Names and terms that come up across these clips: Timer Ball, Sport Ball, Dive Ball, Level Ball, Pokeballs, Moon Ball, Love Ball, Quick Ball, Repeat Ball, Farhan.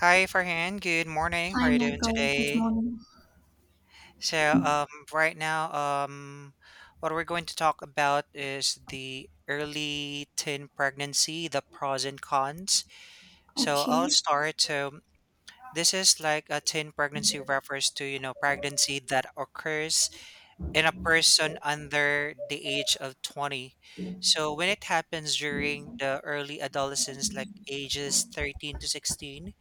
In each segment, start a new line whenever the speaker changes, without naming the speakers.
Hi, Farhan. Good morning. How are
Hi,
you doing
Michael. Good
today?
morning.
So, um, right now, what we're going to talk about is the early teen pregnancy, the pros and cons. So, I'll
Okay.
start. So, this is like a teen pregnancy refers to, you know, pregnancy that occurs in a person under the age of 20. So, when it happens during the early adolescence, like ages 13 to 16,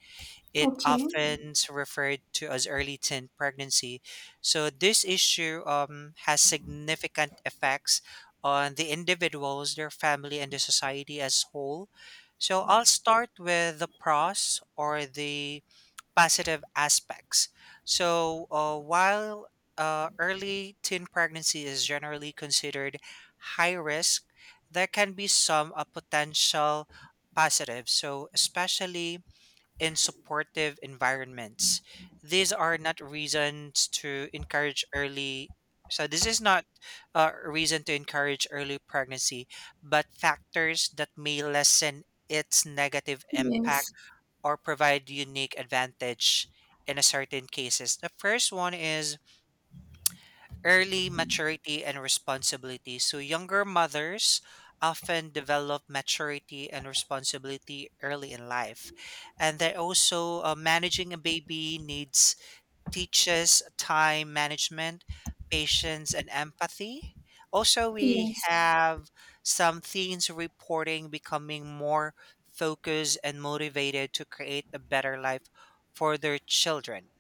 it
Okay.
often referred to as early teen pregnancy. So this issue has significant effects on the individuals, their family, and the society as whole. So I'll start with the pros or the positive aspects. So while early teen pregnancy is generally considered high risk, there can be some potential positives. So especially and supportive environments. These are not reasons to encourage early. So this is not a reason to encourage early pregnancy, but factors that may lessen its negative impact
Yes.
or provide unique advantage in a certain cases. The first one is early maturity and responsibility. So, younger mothers often develop maturity and responsibility early in life. And they also, managing a baby needs teaches time management, patience, and empathy. Also, we
Yes.
have some teens reporting becoming more focused and motivated to create a better life for their children.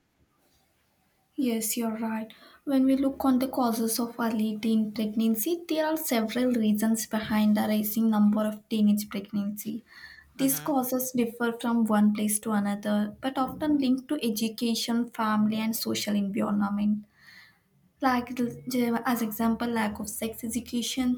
Yes, you're right. When we look on the causes of early teen pregnancy, there are several reasons behind the rising number of teenage pregnancy. These
Mm-hmm,
causes differ from one place to another, but often linked to education, family, and social environment. Like as example, lack of sex education.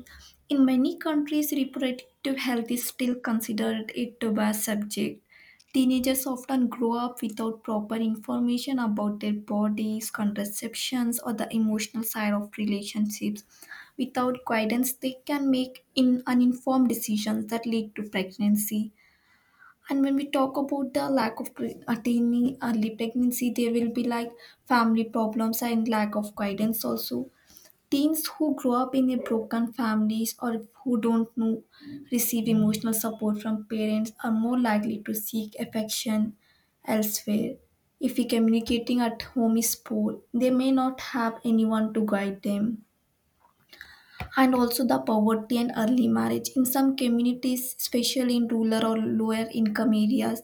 In many countries reproductive health is still considered a taboo subject. Teenagers often grow up without proper information about their bodies, contraceptions, or the emotional side of relationships. Without guidance they can make in uninformed decisions that lead to pregnancy. And when we talk about the lack of attaining early pregnancy, there will be like family problems and lack of guidance also. Teens who grow up in a broken families or who don't know, receive emotional support from parents are more likely to seek affection elsewhere. If communicating at home is poor, they may not have anyone to guide them. And also the poverty and early marriage, in some communities especially in rural or lower income areas,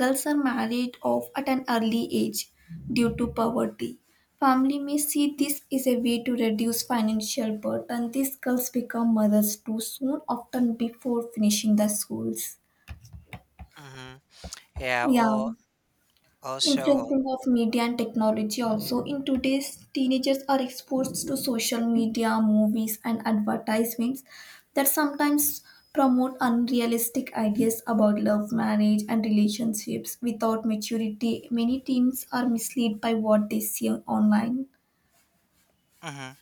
girls are married off at an early age due to poverty. Family may see this is a way to reduce financial burden. These girls become mothers too soon, often before finishing the schools.
mm-hmm. Yeah,
Yeah.
well, also, hold.
Influencing of media and technology also. In today's, teenagers are exposed to social media, movies, and advertisements that sometimes promote unrealistic ideas about love, marriage, and relationships without maturity. Many teens are misled by what they see online.
Mhm.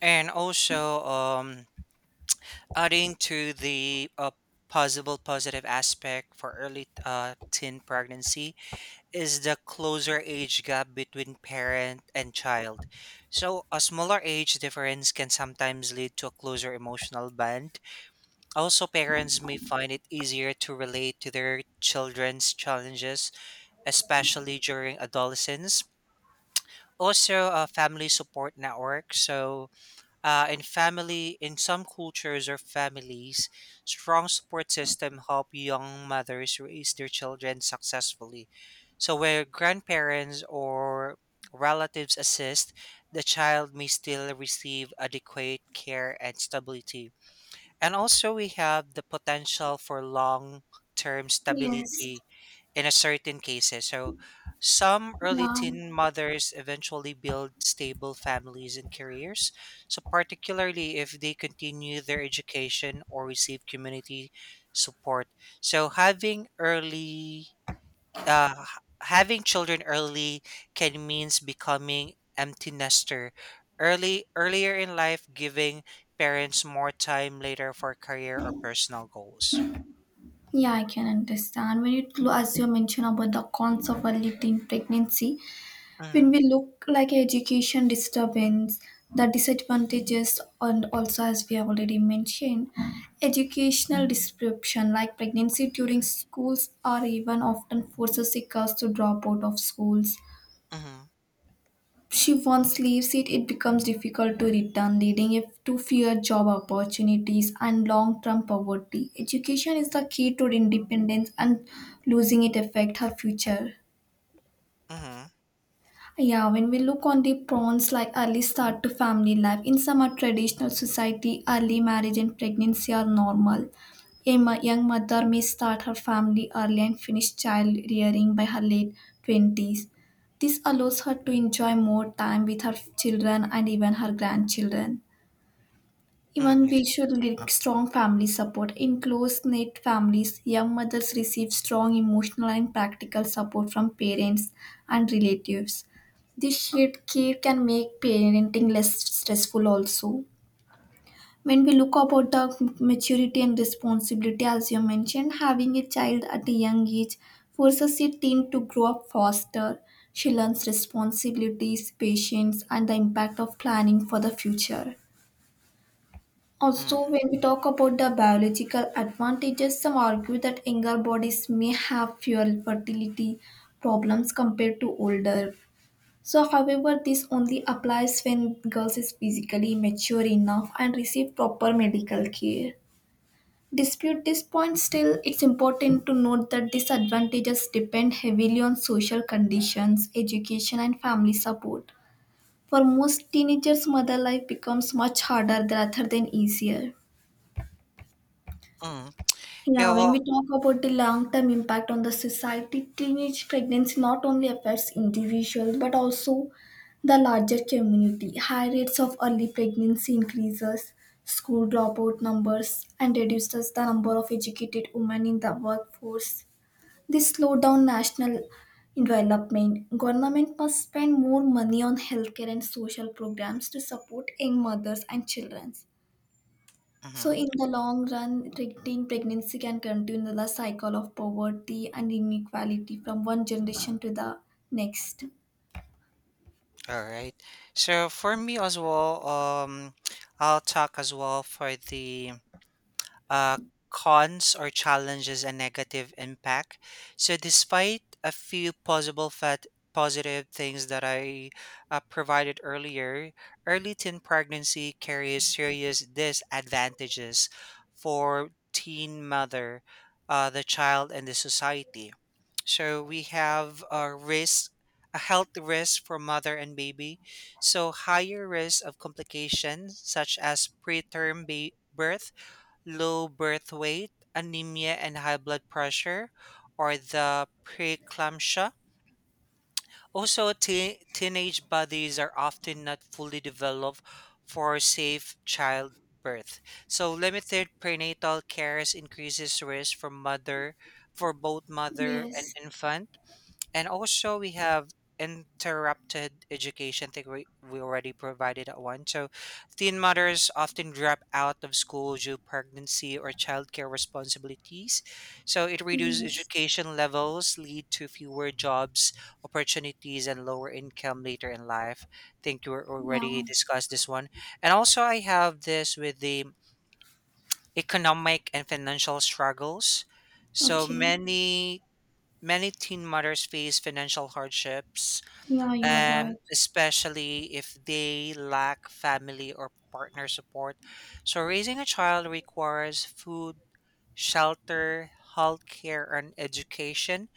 And also, adding to the possible positive aspect for early teen pregnancy is the closer age gap between parent and child. So, a smaller age difference can sometimes lead to a closer emotional bond. Also, parents may find it easier to relate to their children's challenges, especially during adolescence. Also, a family support network. So, in family, in some cultures or families, strong support system help young mothers raise their children successfully. So where grandparents or relatives assist, the child may still receive adequate care and stability. And also we have the potential for long-term
Yes.
stability in a certain cases. So some early
Yeah.
teen mothers eventually build stable families and careers. So particularly if they continue their education or receive community support. So having uh, h- having children early can means becoming empty nester early earlier in life giving parents more time later for career or personal goals.
Yeah, I can understand. When it, as you mentioned about the cons of early teen pregnancy, when
Mm,
we look like education disturbance, the disadvantages, and also as we have already mentioned, educational disruption like pregnancy during schools or even often forces seekers to drop out of schools.
mhm,
She once leaves it, it becomes difficult to return, leading if to fear job opportunities and long-term poverty. Education is the key to independence and losing it affect her future.
mhm,
Yeah, when we look on the prawns like early start to family life, in some are traditional society, early marriage and pregnancy are normal. Young mother may start her family early and finish child rearing by her late 20s. This allows her to enjoy more time with her children and even her grandchildren.
mhm,
Even we should link strong family support. In close knit families, young mothers receive strong emotional and practical support from parents and relatives. This shared care can make parenting less stressful also. When we look about the maturity and responsibility, as you mentioned, having a child at a young age forces a teen to grow up faster. She learns responsibilities, patience, and the impact of planning for the future.
mhm,
Also, when we talk about the biological advantages, some argue that younger bodies may have fewer fertility problems compared to older. So, however, this only applies when girls is physically mature enough and receive proper medical care. Dispute this point still, it's important to note that disadvantages depend heavily on social conditions, education, and family support. For most teenagers, mother life becomes much harder rather than easier.
mhm. Yeah,
Yeah, when
well,
we talk about the long-term impact on the society, teenage pregnancy not only affects individuals but also the larger community. High rates of early pregnancy increases school dropout numbers and reduces the number of educated women in the workforce. This slow down national development. Government must spend more money on healthcare and social programs to support young mothers and children. So,
mhm,
in the long run, teen pregnancy can continue the cycle of poverty and inequality from one generation to the next.
all right. So for me as well, I'll talk as well for the uh, cons or challenges and negative impact. So despite a few possible fat positive things that I provided earlier, early teen pregnancy carries serious disadvantages for teen mother, the child, and the society. So we have a risk, a health risk for mother and baby. So higher risk of complications such as birth, low birth weight, anemia and high blood pressure, or the preeclampsia. Also, teenage bodies are often not fully developed for safe childbirth. So limited prenatal cares increases risk for both mother and
Yes,
infant, and also, we have interrupted education. I think we already provided that one. So, teen mothers often drop out of school due pregnancy or childcare responsibilities. So, it reduces
yes,
education levels, lead to fewer jobs, opportunities, and lower income later in life. I think you already
yeah,
discussed this one. And also, I have this with the economic and financial struggles. So
okay.
many Many teen mothers face financial hardships,
Yeah, you are right.
especially if they lack family or partner support. So, raising a child requires food, shelter, healthcare, and education,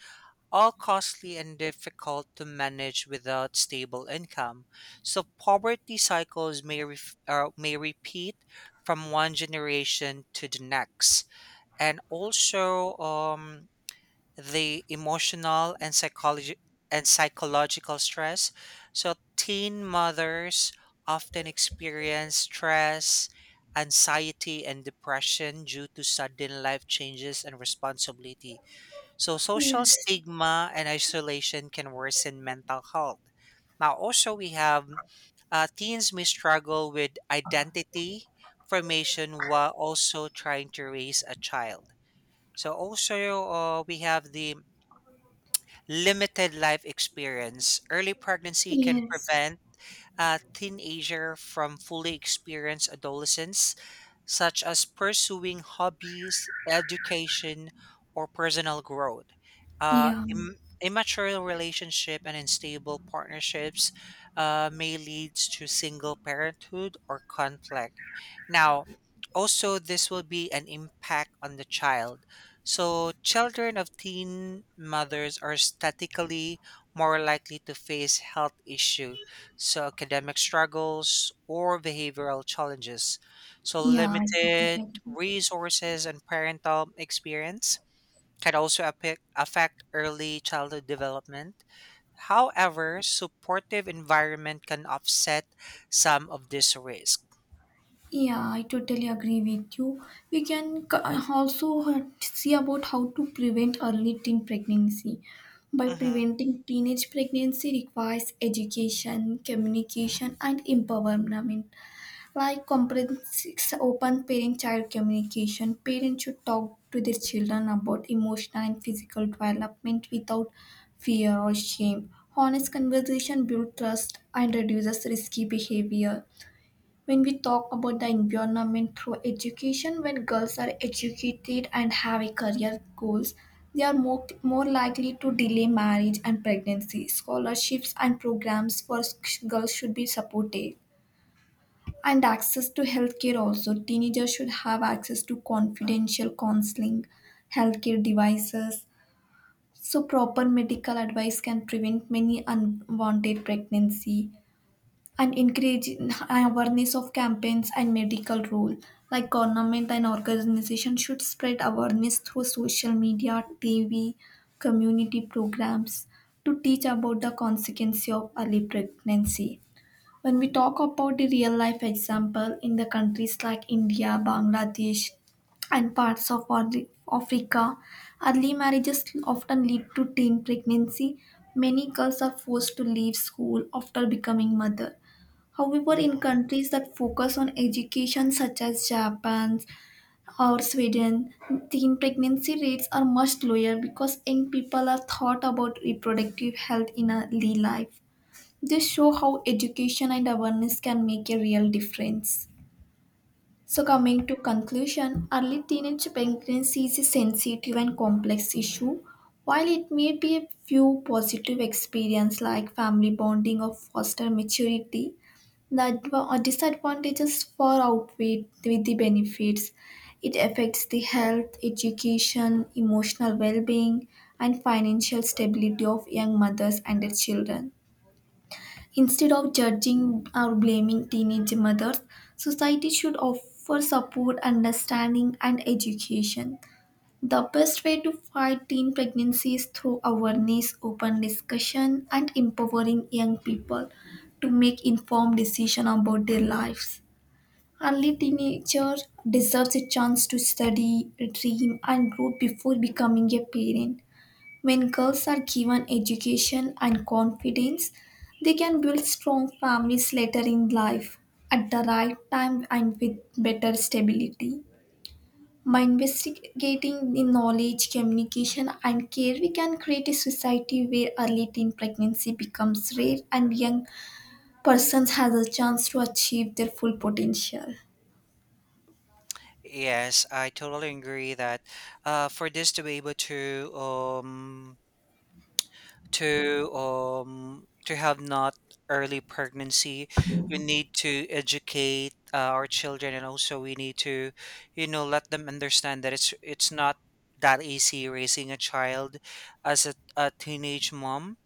all costly and difficult to manage without stable income. So, poverty cycles may repeat from one generation to the next. And also, the emotional and psychology and psychological stress. So teen mothers often experience stress, anxiety and depression due to sudden life changes and responsibility. So social
Yes,
stigma and isolation can worsen mental health. Now also we have teens may struggle with identity formation while also trying to raise a child. So also we have the limited life experience, early pregnancy can
yes,
prevent a teenager from fully experienced adolescence, such as pursuing hobbies, education, or personal growth.
yeah,
Immature relationship and unstable partnerships may lead to single parenthood or conflict. Now, also, this will be an impact on the child. So, children of teen mothers are statistically more likely to face health issue so academic struggles or behavioral challenges. So
yeah, I totally
limited
agree.
resources and parental experience can also affect early childhood development. However, supportive environment can offset some of this risk.
Yeah, I totally agree with you. We can also see about how to prevent early teen pregnancy. By
Mhm,
preventing teenage pregnancy requires education, communication, and empowerment. Like comprehensive open parent-child communication, parents should talk to their children about emotional and physical development without fear or shame. Honest conversation builds trust and reduces risky behavior. When we talk about the environment through education, when girls are educated and have a career goals, they are more likely to delay marriage and pregnancy. Scholarships and programs for girls should be supported, and access to healthcare also. Teenagers should have access to confidential counseling, healthcare devices, so proper medical advice can prevent many unwanted pregnancy. And encouraging awareness of campaigns and medical role, like government and organization should spread awareness through social media, TV, community programs, to teach about the consequence of early pregnancy. When we talk about the real life example, in the countries like India, Bangladesh, and parts of Africa, early marriages often lead to teen pregnancy. Many girls are forced to leave school after becoming mother. However, in
mhm,
countries that focus on education, such as Japan or Sweden, teen pregnancy rates are much lower because young people are thought about reproductive health in early life. This show how education and awareness can make a real difference. So
mhm.
coming to conclusion, early teenage pregnancy is a sensitive and complex issue. While it may be a few positive experience like family bonding or foster maturity, the disadvantages far outweigh with the benefits. It affects the health, education, emotional well-being, and financial stability of young mothers and their children. Instead of judging or blaming teenage mothers, society should offer support, understanding, and education. The best way to fight teen pregnancy is through awareness, open discussion, and empowering young people to make informed decisions about their lives. Early teenager deserves a chance to study, dream, and grow before becoming a parent. When girls are given education and confidence, they can build strong families later in life at the right time and with better stability. By investigating the knowledge, communication, and care, we can create a society where early teen pregnancy becomes rare and young persons has a chance to achieve their full potential.
Yes, I totally agree that for this to be able to to have not early pregnancy, we need to educate our children and also we need to, you know, let them understand that it's not that easy raising a child as a teenage mom.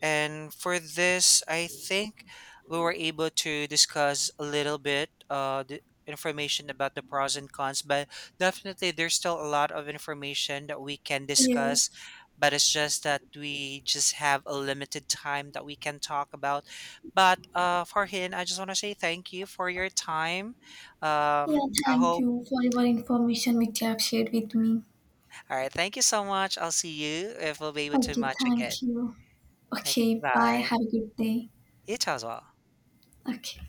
And for this, I think we were able to discuss a little bit the information about the pros and cons, but definitely there's still a lot of information that we can
Yes.
discuss. But it's just that we just have a limited time that we can talk about. But Farhin, I just want to say thank you for your time.
Yeah,
Um, I
thank
hope.
you for your information which you have shared with me.
All right. Thank you so much. I'll see you if we'll be able to
Okay,
match again.
thank you.
Thank you.
Okay, bye.
Goodbye.
Have a good day.
You too as well.
Okay.